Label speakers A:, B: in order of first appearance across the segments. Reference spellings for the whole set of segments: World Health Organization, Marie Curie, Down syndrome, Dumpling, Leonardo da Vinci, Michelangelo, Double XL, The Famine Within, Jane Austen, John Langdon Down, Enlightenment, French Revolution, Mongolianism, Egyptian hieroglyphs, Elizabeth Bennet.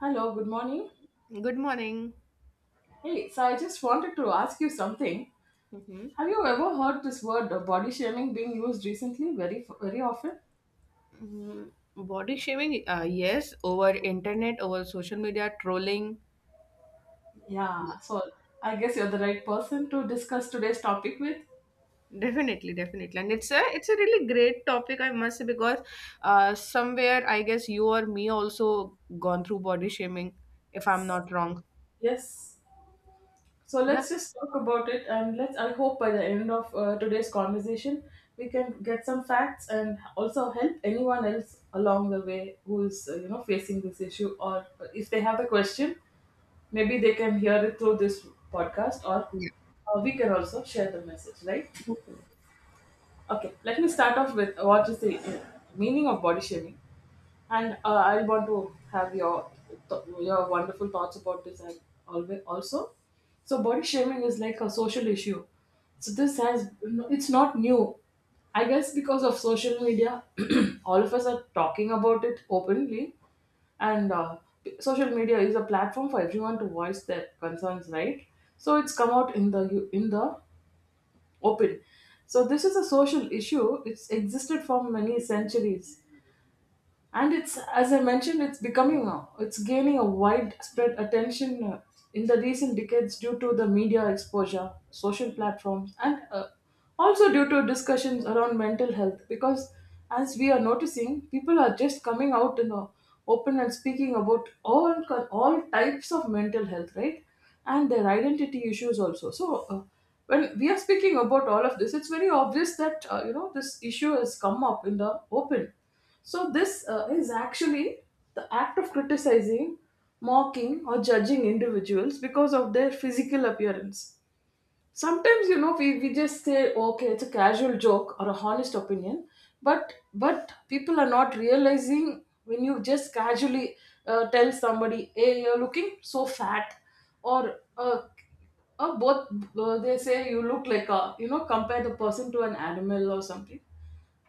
A: Hello, good morning.
B: Good morning.
A: Hey, so I just wanted to ask you something.
B: Mm-hmm.
A: Have you ever heard this word body shaming being used recently very very often?
B: Body shaming, yes, over internet, over social media, trolling,
A: Yeah, so I guess you're the right person to discuss today's topic with.
B: definitely, definitely, and it's a really great topic, I must say, because somewhere I guess you or me also gone through body shaming, if I'm not wrong.
A: Yes. So
B: Yeah,
A: let's just talk about it and let's I hope by the end of today's conversation we can get some facts and also help anyone else along the way who's you know facing this issue or if they have a question. Maybe they can hear it through this podcast, or we can also share the message, right?
B: yeah,
A: Okay, let me start off with what is the meaning of body shaming. And I want to have your th- your wonderful thoughts about this and always also. So body shaming is like a social issue. So this has no, it's not new. I guess because of social media, all of us are talking about it openly, and social media is a platform for everyone to voice their concerns, right? So it's come out in the open. So this is a social issue. It's existed for many centuries and it's as I mentioned it's becoming a, it's gaining a widespread attention in the recent decades due to the media exposure, social platforms, and also due to discussions around mental health because as we are noticing people are just coming out in the open and speaking about all types of mental health, right, and their identity issues also. So when we are speaking about all of this, it's very obvious that you know this issue has come up in the open. So this is actually the act of criticizing, mocking, or judging individuals because of their physical appearance. Sometimes you know we just say okay, it's a casual joke or a honest opinion, but people are not realizing when you just casually tell somebody hey, you're looking so fat, or both, they say you look like a, you know, compare the person to an animal or something,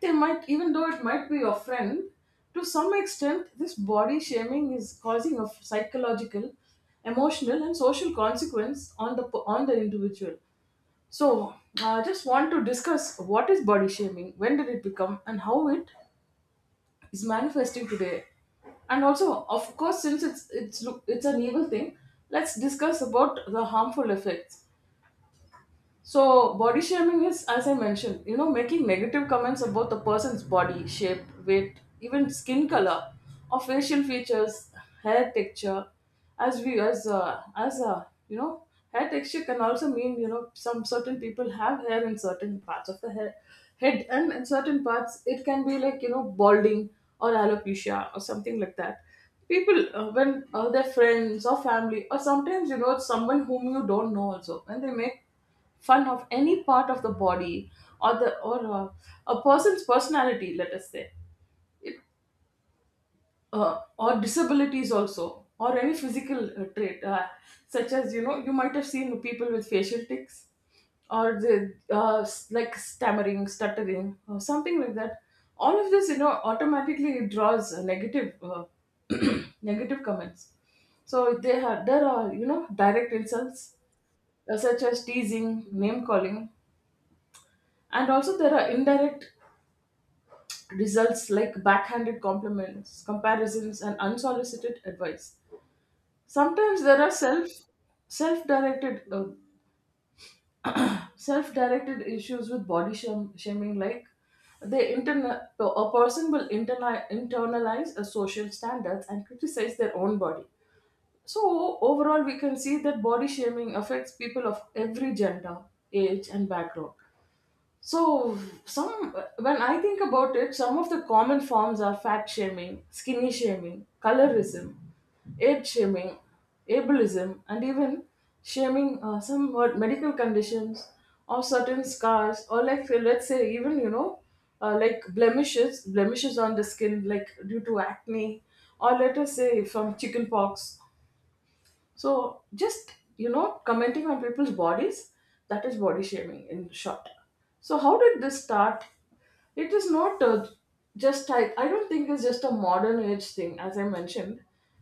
A: they might, even though it might be your friend, to some extent this body shaming is causing a psychological, emotional, and social consequence on the individual. So, I just want to discuss what is body shaming, when did it become, and how it is manifesting today. And also, of course, since it's an evil thing, let's discuss about the harmful effects. So body shaming is, as I mentioned, you know, making negative comments about the person's body shape, weight, even skin color, or facial features, hair texture. As we as You know, hair texture can also mean you know some certain people have hair in certain parts of the hair, head, and in certain parts it can be like you know balding or alopecia or something like that. People when their friends or family or sometimes you know it's someone whom you don't know also, when they make fun of any part of the body or the or a person's personality, let us say it, or disabilities also or any physical trait, such as you know you might have seen people with facial tics or the like stammering, stuttering or something like that, all of this you know automatically draws a negative negative comments. So they have, there are you know direct insults such as teasing, name calling. And also, there are indirect results like backhanded compliments, comparisons, and unsolicited advice. Sometimes there are self-directed self-directed issues with shaming, like a person will internalize a social standards and criticize their own body. So overall we can see that body shaming affects people of every gender, age, and background. So, some, when I think about it, some of the common forms are fat shaming, skinny shaming, colorism, age shaming, ableism, and even shaming medical conditions or certain scars, or like let's say even you know like blemishes on the skin, like due to acne, or let us say from chicken pox. So just you know, commenting on people's bodies, that is body shaming in short. So how did this start? It is not just I don't think it's just a modern age thing. As I mentioned,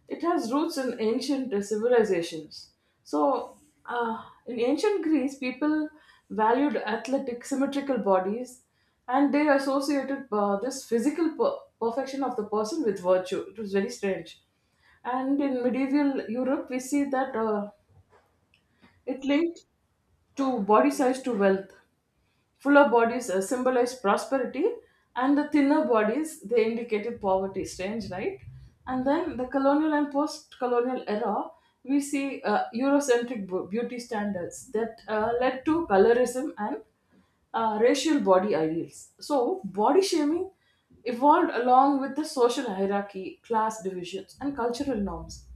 A: it has roots in ancient civilizations. So in ancient Greece, people valued athletic, symmetrical bodies, and they associated this perfection of the person with virtue. It was very strange. And in medieval Europe, we see that it linked to body size to wealth. Fuller bodies symbolized prosperity, and the thinner bodies they indicated poverty. Strange, right? And then the colonial and post-colonial era, we see Eurocentric beauty standards that led to colorism and racial body ideals. So, body shaming evolved along with the social hierarchy, class divisions, and cultural norms.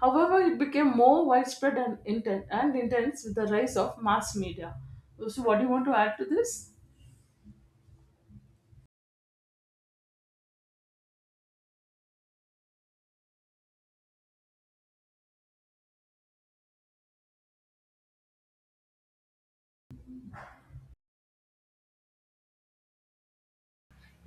A: However, it became more widespread and, intense with the rise of mass media. So, what do you want to add to this?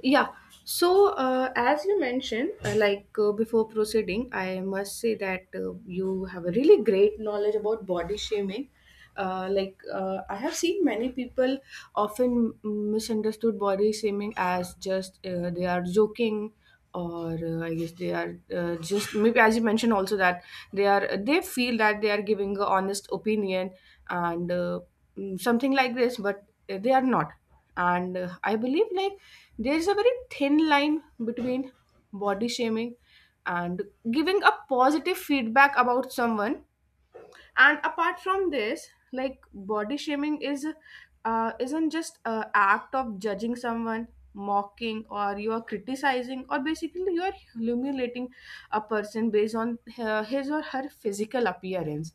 B: yeah. So, as you mentioned, like before proceeding, I must say that you have a really great knowledge about body shaming. Like, I have seen many people often misunderstood body shaming as just they are joking, or I guess they are just maybe, as you mentioned also, that they feel that they are giving a honest opinion, and something like this, but they are not. And I believe, like, there is a very thin line between body shaming and giving a positive feedback about someone. And apart from this, like, body shaming is isn't just a act of judging someone, mocking, or you are criticizing, or basically you are humiliating a person based on her, his or her physical appearance.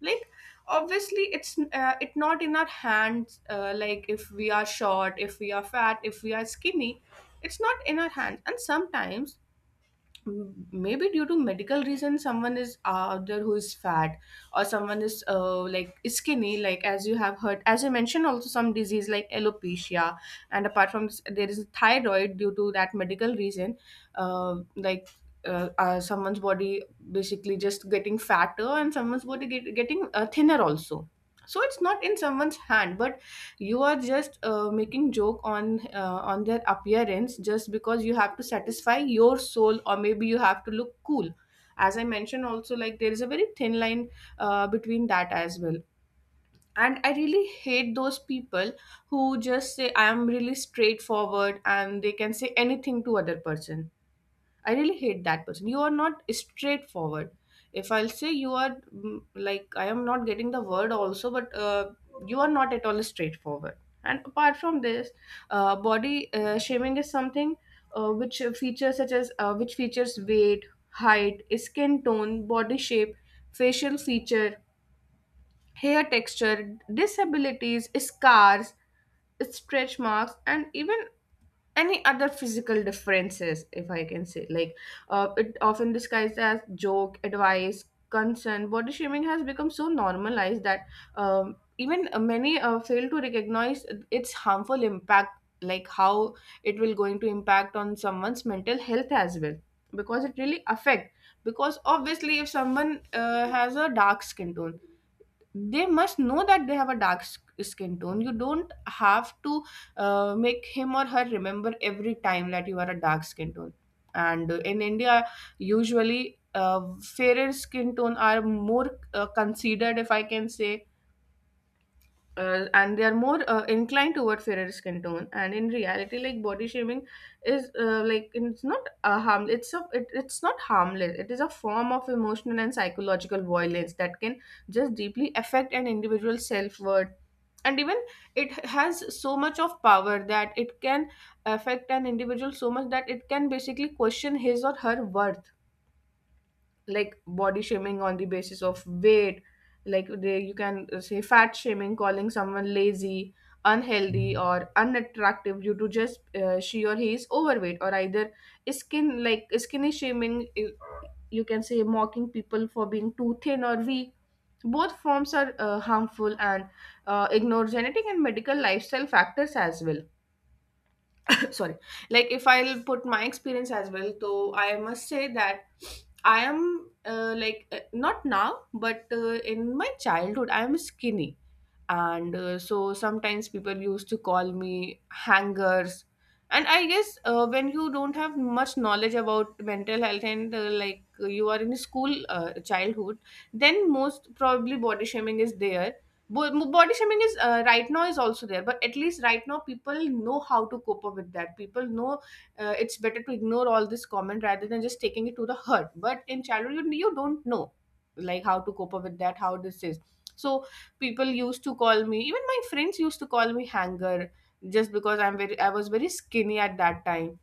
B: Like, obviously, it not in our hands, like, if we are short, if we are fat, if we are skinny, it's not in our hands. And sometimes, maybe due to medical reasons, someone is out there who is fat, or someone is like skinny, like, as you have heard, as you mentioned also, some disease like alopecia. And apart from this, there is thyroid. Due to that medical reason, like, someone's body basically just getting fatter, and someone's body getting thinner also. So it's not in someone's hand, but you are just making joke on their appearance, just because you have to satisfy your soul, or maybe you have to look cool. As I mentioned also, like, there is a very thin line between that as well. And I really hate those people who just say I am really straightforward and they can say anything to other person. I really hate that person. You are not straightforward. If I'll say you are, like, I am not getting the word also, but you are not at all straightforward. And apart from this, body shaming is something which features weight, height, skin tone, body shape, facial feature, hair texture, disabilities, scars, stretch marks, and even any other physical differences, if I can say. Like, it often disguised as joke, advice, concern. Body shaming has become so normalized that even many fail to recognize its harmful impact, like how it will going to impact on someone's mental health as well, because it really affect. Because obviously, if someone has a dark skin tone, they must know that they have a dark skin tone. You don't have to make him or her remember every time that you are a dark skin tone. And in India, usually fairer skin tone are more considered, if I can say, and they are more inclined toward fairer skin tone. And in reality, like, body shaming is like, it's not a harm, it's not harmless. It is a form of emotional and psychological violence that can just deeply affect an individual's self-worth. And even it has so much of power that it can affect an individual so much that it can basically question his or her worth. Like, body shaming on the basis of weight, like, you can say fat shaming, calling someone lazy, unhealthy, or unattractive due to just she or he is overweight. Or either skin, like skinny shaming, you can say, mocking people for being too thin or weak. Both forms are harmful and ignore genetic and medical lifestyle factors as well. Sorry. Like, if I'll put my experience as well, so I must say that I am like, not now, but in my childhood, I am skinny, and so sometimes people used to call me hangers. And I guess when you don't have much knowledge about mental health, and like, you are in school, childhood, then most probably body shaming is there. Body shaming is, right now, is also there, but at least right now people know how to cope up with that. People know it's better to ignore all this comment rather than just taking it to the heart, but in childhood you don't know like how to cope up with that, how this is. So people used to call me, even my friends used to call me hanger, just because I was very skinny at that time.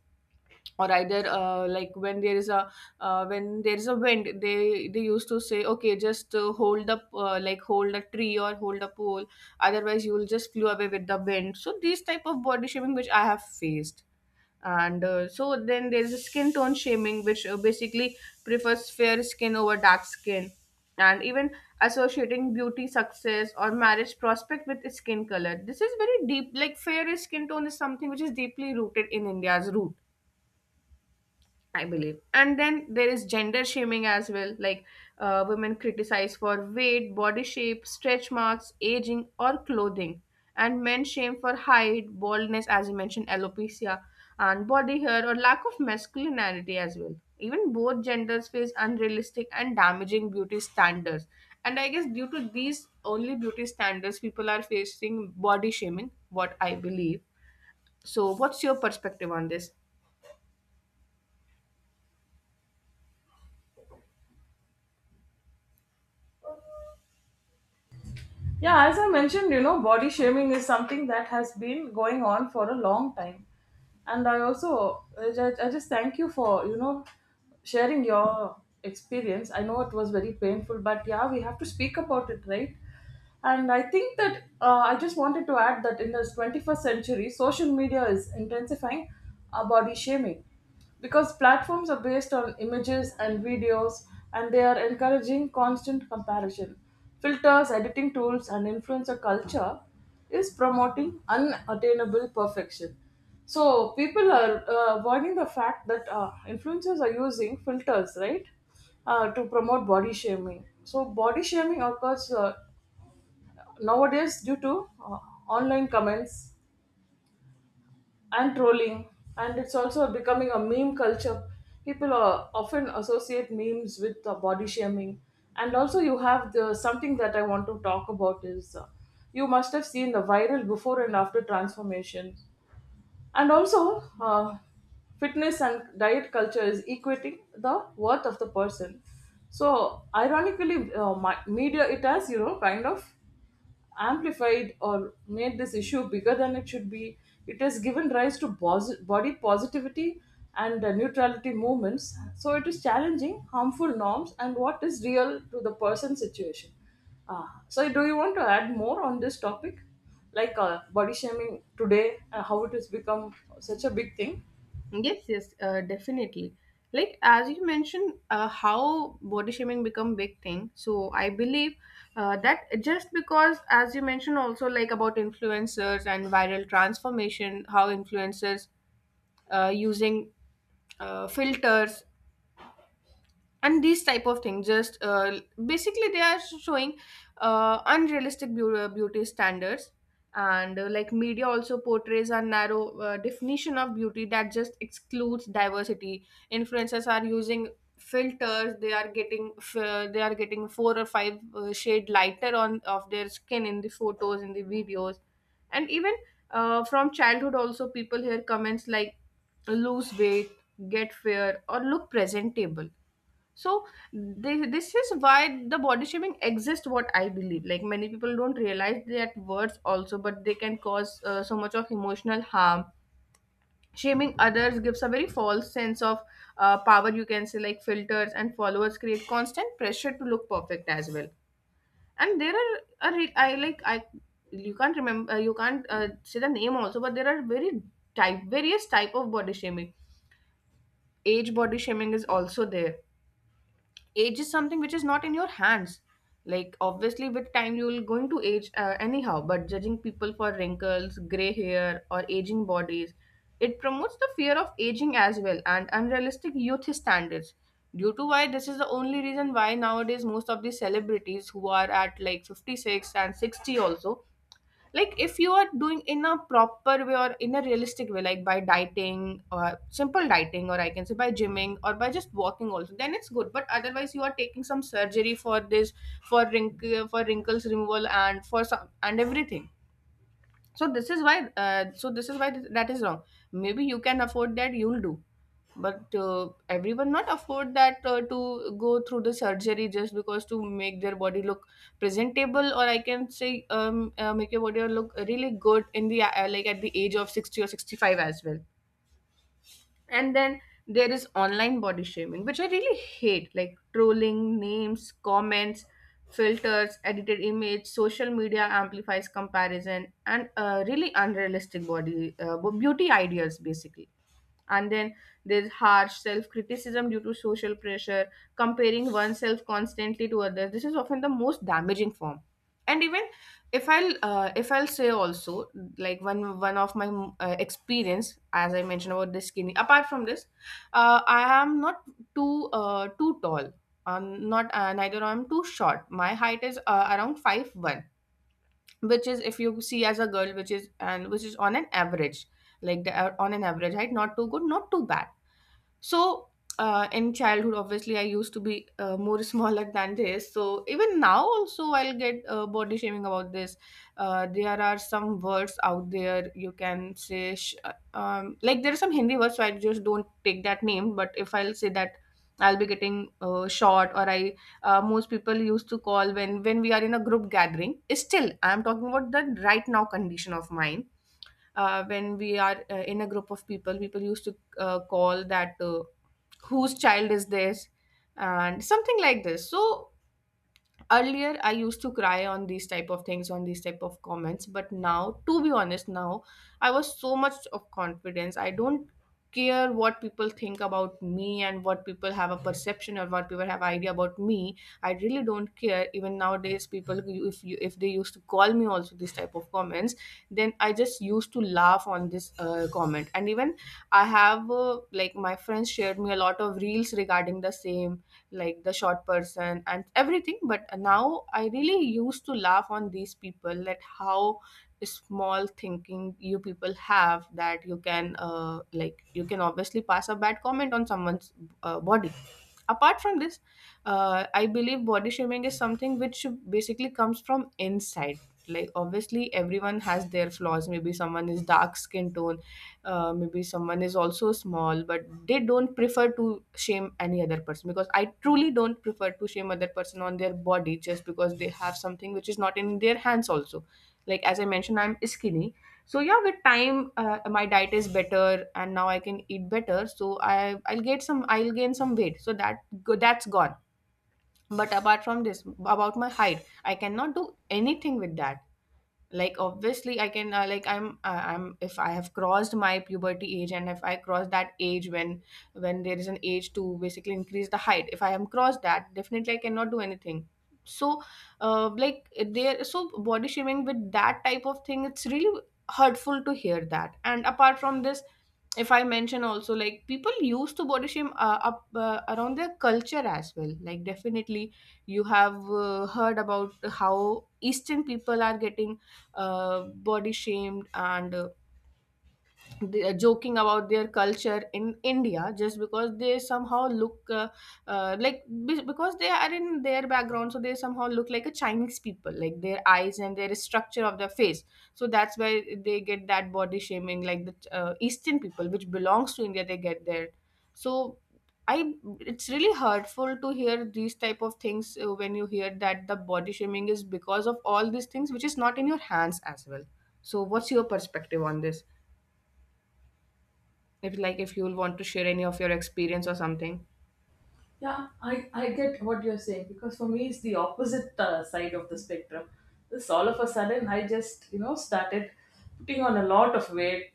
B: Or either, like, when there is a wind, they used to say, okay, just hold up, like, hold a tree or hold a pole, otherwise you will just flew away with the wind. So these type of body shaming which I have faced. And so then, there's a skin tone shaming which basically prefers fair skin over dark skin, and even associating beauty, success, or marriage prospect with skin color. This is very deep. Like, fair skin tone is something which is deeply rooted in India's root, I believe. And then there is gender shaming as well, like, women criticized for weight, body shape, stretch marks, aging, or clothing. And men shame for height, baldness, as you mentioned, alopecia, and body hair, or lack of masculinity as well. Even both genders face unrealistic and damaging beauty standards. And I guess, due to these only beauty standards, people are facing body shaming, what I believe. So, what's your perspective on this?
A: Yeah, as I mentioned, you know, body shaming is something that has been going on for a long time. And I also, I just thank you for, you know, sharing your experience. I know it was very painful, but yeah, we have to speak about it, right? And I think that I just wanted to add that in this 21st century, social media is intensifying body shaming, because platforms are based on images and videos and they are encouraging constant comparison. Filters, editing tools, and influencer culture is promoting unattainable perfection. So, people are avoiding the fact that influencers are using filters, right, to promote body shaming. So, body shaming occurs nowadays due to online comments and trolling, and it's also becoming a meme culture. People are often associate memes with body shaming, and also you have the something that I want to talk about is you must have seen the viral before and after transformation, and also fitness and diet culture is equating the worth of the person. So ironically media it has you know kind of amplified or made this issue bigger than it should be. It has given rise to body positivity and neutrality movements. So it is challenging harmful norms and what is real to the person situation. Ah, so do you want to add more on this topic, like body shaming today, how it has become such a big thing?
B: Yes, yes, definitely. Like, as you mentioned, how body shaming become big thing. So I believe that just because, as you mentioned also, like, about influencers and viral transformation, how influencers using filters and these type of things just basically they are showing unrealistic beauty standards. And like, media also portrays a narrow definition of beauty that just excludes diversity. Influencers are using filters, they are getting four or five shade lighter on of their skin in the photos in the videos. And even from childhood also, people hear comments like lose weight, get fair, or look presentable. So this is why the body shaming exists, what I believe. Like, many people don't realize that words also, but they can cause so much of emotional harm. Shaming others gives a very false sense of power, you can say. Like, filters and followers create constant pressure to look perfect as well. And there are a re- I like I You can't remember, you can't say the name also, but there are very type various type of body shaming. Age body shaming is also there. Age is something which is not in your hands. Like, obviously with time you will going to age, anyhow. But judging people for wrinkles, gray hair, or aging bodies, it promotes the fear of aging as well and unrealistic youth standards. Due to why, this is the only reason why nowadays most of the celebrities who are at, like, 56 and 60 also, like, if you are doing in a proper way or in a realistic way, like by dieting or simple dieting, or I can say by gymming or by just walking also, then it's good. But otherwise you are taking some surgery for this, for wrinkles removal and for some and everything. So this is why, that is wrong. Maybe you can afford that, you'll do, but everyone not afford that, to go through the surgery just because to make their body look presentable, or I can say, make your body look really good in the, like, at the age of 60 or 65 as well. And then there is online body shaming, which I really hate, like trolling, names, comments, filters, edited image. Social media amplifies comparison and really unrealistic body, beauty ideas basically. And then there's harsh self-criticism due to social pressure, comparing oneself constantly to others. This is often the most damaging form. And even, if I'll say also, like, one of my experience, as I mentioned, about this skinny. Apart from this, I am not too tall, not neither I'm too short. My height is, around 5'1", which is, if you see as a girl, which is, on an average, like the, on an average height, not too good, not too bad. So, in childhood, obviously, I used to be more smaller than this. So, even now, also, I'll get body shaming about this. There are some words out there you can say, there are some Hindi words, so I just don't take that name. But if I'll say that, I'll be getting short, or I most people used to call when we are in a group gathering. Still, I'm talking about the right now condition of mine when we are in a group of people used to call that whose child is this and something like this. So earlier I used to cry on these type of things, on these type of comments, but now, to be honest, now I was so much of confidence, I don't care what people think about me and what people have a perception, or what people have idea about me. I really don't care. Even nowadays, if you, if they used to call me also this type of comments, then I just used to laugh on this comment. And even I have like my friends shared me a lot of reels regarding the same, like the short person and everything. But now I really used to laugh on these people that how small thinking you people have, that you can like you can obviously pass a bad comment on someone's body. Apart from this, I believe body shaming is something which basically comes from inside. Like obviously everyone has their flaws. Maybe someone is dark skin tone, maybe someone is also small, but they don't prefer to shame any other person, because I truly don't prefer to shame other person on their body just because they have something which is not in their hands also. Like, as I mentioned, I'm skinny. So yeah, with time, my diet is better and now I can eat better, so I'll get some, I'll gain some weight, so that that's gone. But apart from this, about my height, I cannot do anything with that. Like obviously I can I'm, if I have crossed my puberty age, and if I cross that age when there is an age to basically increase the height, if I am crossed that, definitely I cannot do anything. So there, so body shaming with that type of thing, it's really hurtful to hear that. And apart from this, if I mention also, like, people used to body shame up around their culture as well. Like, definitely you have heard about how eastern people are getting body shamed, and they are joking about their culture in India just because they somehow look because they are in their background, so they somehow look like a Chinese people, like their eyes and their structure of their face. So that's why they get that body shaming, like the Eastern people, which belongs to India, they get there. So I, it's really hurtful to hear these type of things when you hear that the body shaming is because of all these things which is not in your hands as well. So what's your perspective on this? If, like, if you'll want to share any of your experience or something.
A: Yeah, I get what you're saying because for me it's the opposite side of the spectrum. This all of a sudden I just you know started putting on a lot of weight,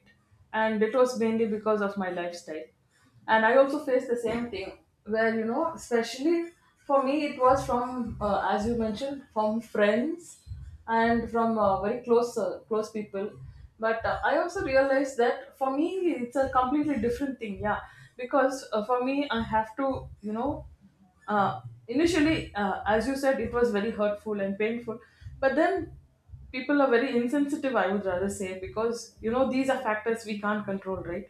A: and it was mainly because of my lifestyle. And I also faced the same thing where you know especially for me it was from as you mentioned from friends and from very close close people, but I also realized that for me it's a completely different thing, yeah, because for me I have to you know uh, initially as you said it was very hurtful and painful, but then people are very insensitive, I would rather say, because you know these are factors we can't control, right,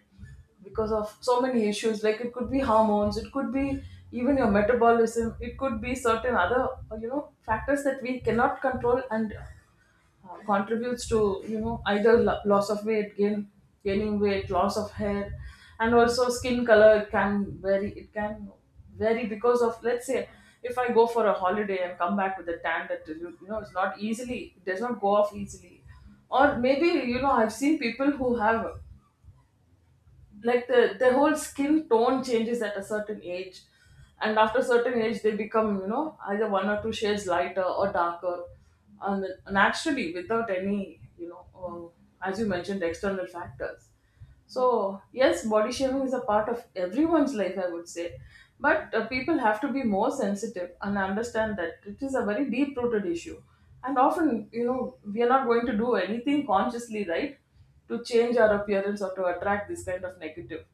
A: because of so many issues, like it could be hormones, it could be even your metabolism, it could be certain other you know factors that we cannot control and contributes to you know either loss of weight gain, gaining weight, loss of hair, and also skin color, it can vary, it can vary because of let's say if I go for a holiday and come back with a tan that you know it's not easily, it does not go off easily, or maybe you know I've seen people who have like their whole skin tone changes at a certain age, and after a certain age they become you know either one or two shades lighter or darker, and naturally without any you know as you mentioned external factors. So, yes, body shaming is a part of everyone's life, I would say. But people have to be more sensitive and understand that it is a very deep rooted issue. And often, you know, we are not going to do anything consciously, right, to change our appearance or to attract this kind of negative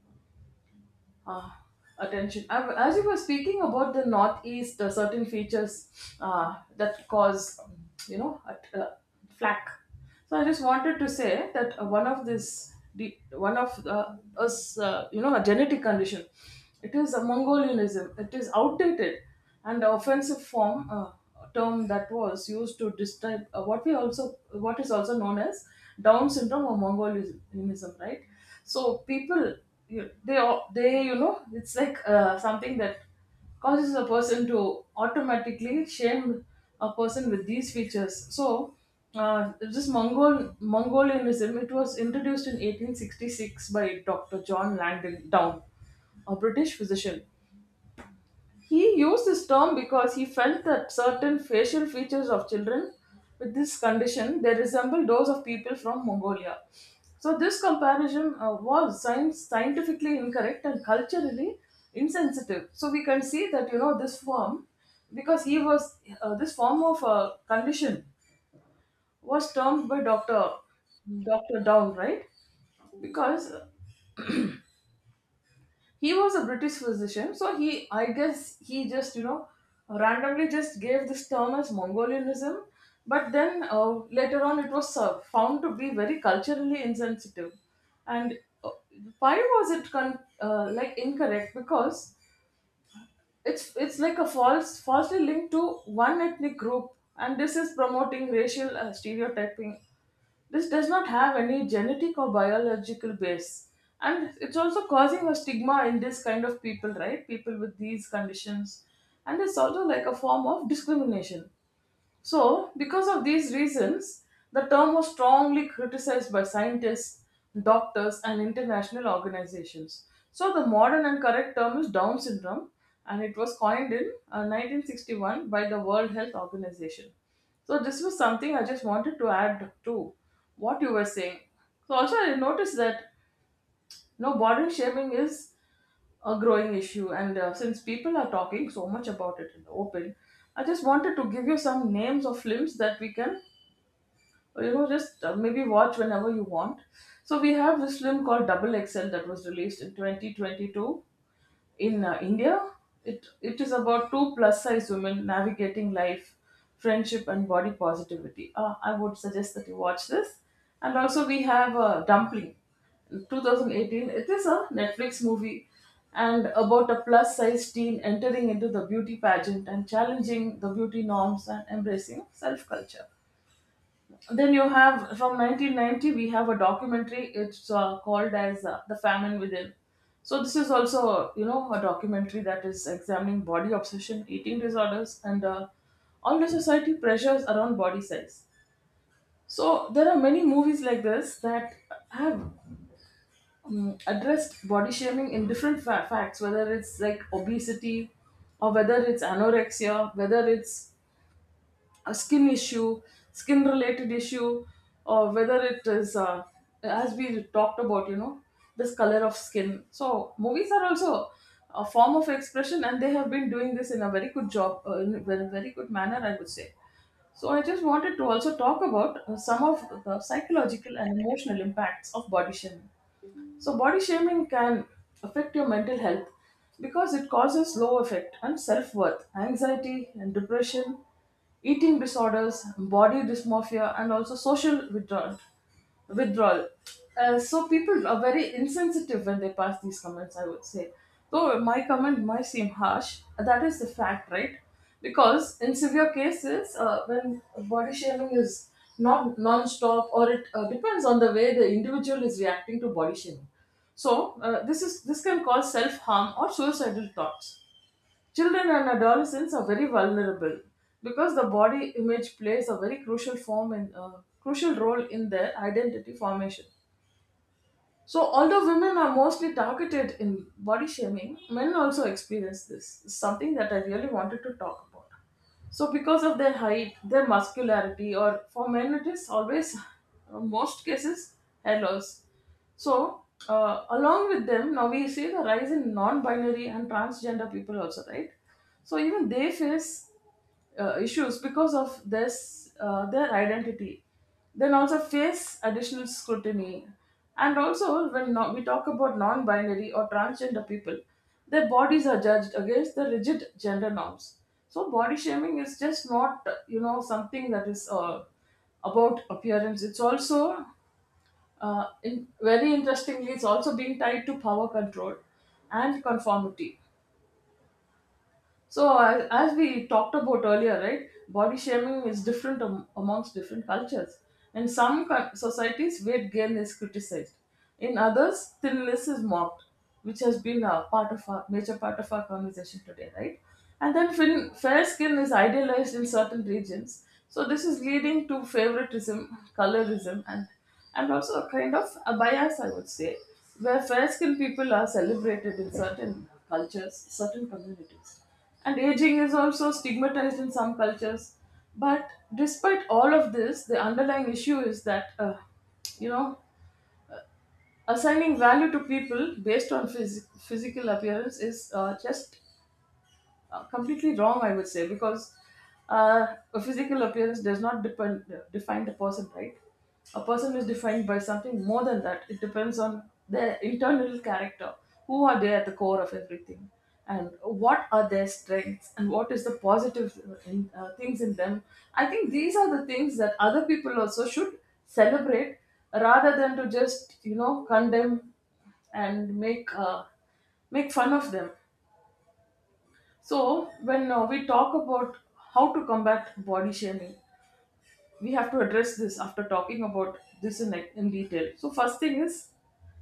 A: uh, attention. As you were speaking about the Northeast, certain features that cause, you know, a flack. So I just wanted to say that one of you know, a genetic condition. It is a Mongolianism. It is outdated and offensive form term that was used to describe what we also what is also known as Down syndrome or Mongolianism, right? So people, they it's like something that causes a person to automatically shame a person with these features. So this Mongolianism it was introduced in 1866 by Dr. John Langdon Down, a British physician. He used this term because he felt that certain facial features of children with this condition they resemble those of people from Mongolia. So this comparison was scientifically incorrect and culturally insensitive. So we can see that, you know, this form because he was, this form of condition was termed by Doctor Down, right? Because he was a British physician, so he, I guess, he just, you know, randomly just gave this term as Mongolianism. But then later on it was found to be very culturally insensitive and uh, why was it like incorrect? Because it's like a falsely linked to one ethnic group, and this is promoting racial stereotyping. This does not have any genetic or biological base. And it's also causing a stigma in this kind of people, right? People with these conditions. And it's also like a form of discrimination. So, because of these reasons, the term was strongly criticized by scientists, doctors, and international organizations. So, the modern and correct term is Down syndrome, and it was coined in 1961 by the World Health Organization. So, this was something I just wanted to add to what you were saying. So, also, I noticed that no, body shaming is a growing issue, and since people are talking so much about it in the open, I just wanted to give you some names of films that we can, you know, just maybe watch whenever you want. So we have this film called Double XL that was released in 2022 in India. It is about two plus size women navigating life, friendship, and body positivity. I would suggest that you watch this. And also, we have Dumpling. In 2018, it is a Netflix movie and about a plus size teen entering into the beauty pageant and challenging the beauty norms and embracing self culture. Then you have, from 1990, we have a documentary. It's called as The Famine Within. So this is also, you know, a documentary that is examining body obsession, eating disorders, and all the society pressures around body size. So there are many movies like this that have addressed body shaming in different facts, whether it's like obesity, or whether it's anorexia, whether it's a skin issue, skin related issue, or whether it is, as we talked about, you know, this color of skin. So, movies are also a form of expression, and they have been doing this in a very good job, in a very very good manner, I would say. So, I just wanted to also talk about some of the psychological and emotional impacts of body shaming. So, body shaming can affect your mental health because it causes low effect and self worth, anxiety and depression, eating disorders, body dysmorphia, and also social withdrawal withdrawal. So people are very insensitive when they pass these comments, I would say. Though my comment might seem harsh, that is the fact, right? Because in severe cases, when body shaming is not non-stop, or it depends on the way the individual is reacting to body shaming. So this can cause self-harm or suicidal thoughts. Children and adolescents are very vulnerable because the body image plays a very crucial role in their identity formation. So, although women are mostly targeted in body shaming, men also experience this. It's something that I really wanted to talk about. So, because of their height, their muscularity, or for men, it is always, most cases, hair loss. So, along with them, now we see the rise in non binary and transgender people also, right? So, even they face issues because of this, their identity. Then also face additional scrutiny. And also, when we talk about non binary or transgender people, their bodies are judged against the rigid gender norms. So body shaming is just not, you know, something that is about appearance. It's also, very interestingly, it's also being tied to power control and conformity. So, as we talked about earlier, right, body shaming is different amongst different cultures. In some societies, weight gain is criticized. In others, thinness is mocked, which has been a part of our major part of our conversation today, right? And then fair skin is idealized in certain regions. So this is leading to favoritism, colorism, and also a kind of a bias, I would say, where fair skinned people are celebrated in certain cultures, certain communities. And aging is also stigmatized in some cultures. But despite all of this, the underlying issue is that, you know, assigning value to people based on physical appearance is just completely wrong, I would say, because uh, a physical appearance does not depend define the person, right? A person is defined by something more than that. It depends on their internal character, who are they at the core of everything, and what are their strengths, and what is the positive, things in them. I think these are the things that other people also should celebrate rather than to just, you know, condemn and make make fun of them. So, when we talk about how to combat body shaming, we have to address this after talking about this in detail. So, first thing is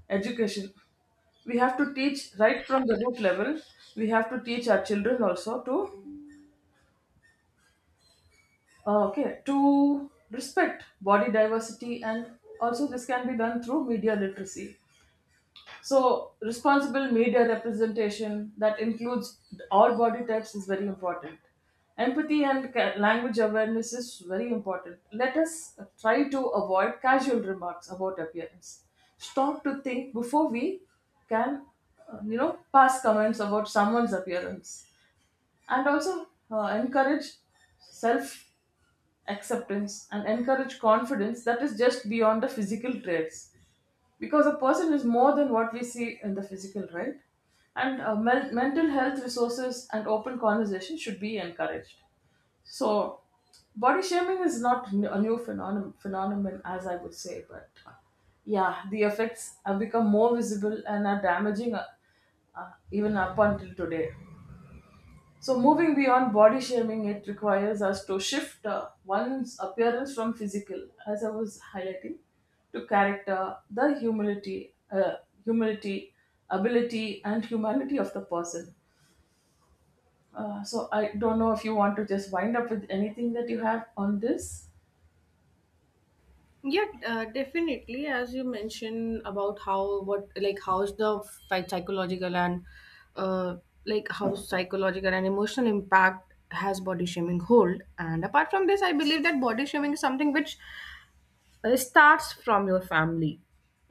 A: education. We have to teach right from the root level. We have to teach our children also to, okay, to respect body diversity, and also this can be done through media literacy. So, responsible media representation that includes all body types is very important. Empathy and language awareness is very important. Let us try to avoid casual remarks about appearance. Stop to think before we can, you know, pass comments about someone's appearance. And also, encourage self acceptance, and encourage confidence that is just beyond the physical traits, because a person is more than what we see in the physical, right? And mental health resources and open conversation should be encouraged. So body shaming is not a new phenomenon, as I would say, but yeah, the effects have become more visible and are damaging, even up until today. So, moving beyond body shaming, it requires us to shift one's appearance from physical, as I was highlighting, to character, the humility, ability, and humanity of the person. So, I don't know if you want to just wind up with anything that you have on this.
B: Yeah, definitely. As you mentioned about how, what, like, how's the psychological and uh, how psychological and emotional impact has body shaming hold. And apart from this, I believe that body shaming is something which, uh, it starts from your family.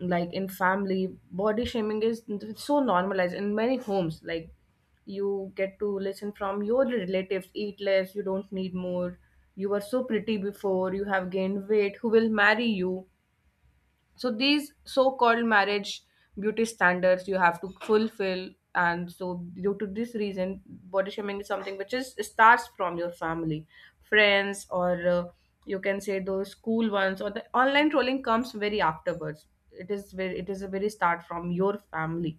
B: Like in family, body shaming is so normalized in many homes. Like you get to listen from your relatives, eat less, you don't need more, you were so pretty before, you have gained weight, who will marry you. So these so-called marriage beauty standards you have to fulfill. And so due to this reason, body shaming is something which is starts from your family, friends, or you can say those school ones, or the online trolling comes very afterwards. It is very, it is a very start from your family,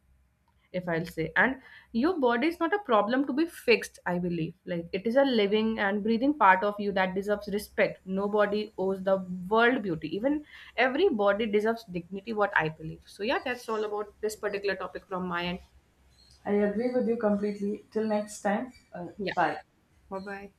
B: if I'll say. And your body is not a problem to be fixed, I believe. Like it is a living and breathing part of you that deserves respect. Nobody owes the world beauty. Even every body deserves dignity, what I believe. So yeah, that's all about this particular topic from my end.
A: I agree with you completely. Till next time,
B: Yeah.
A: bye.
B: Bye bye.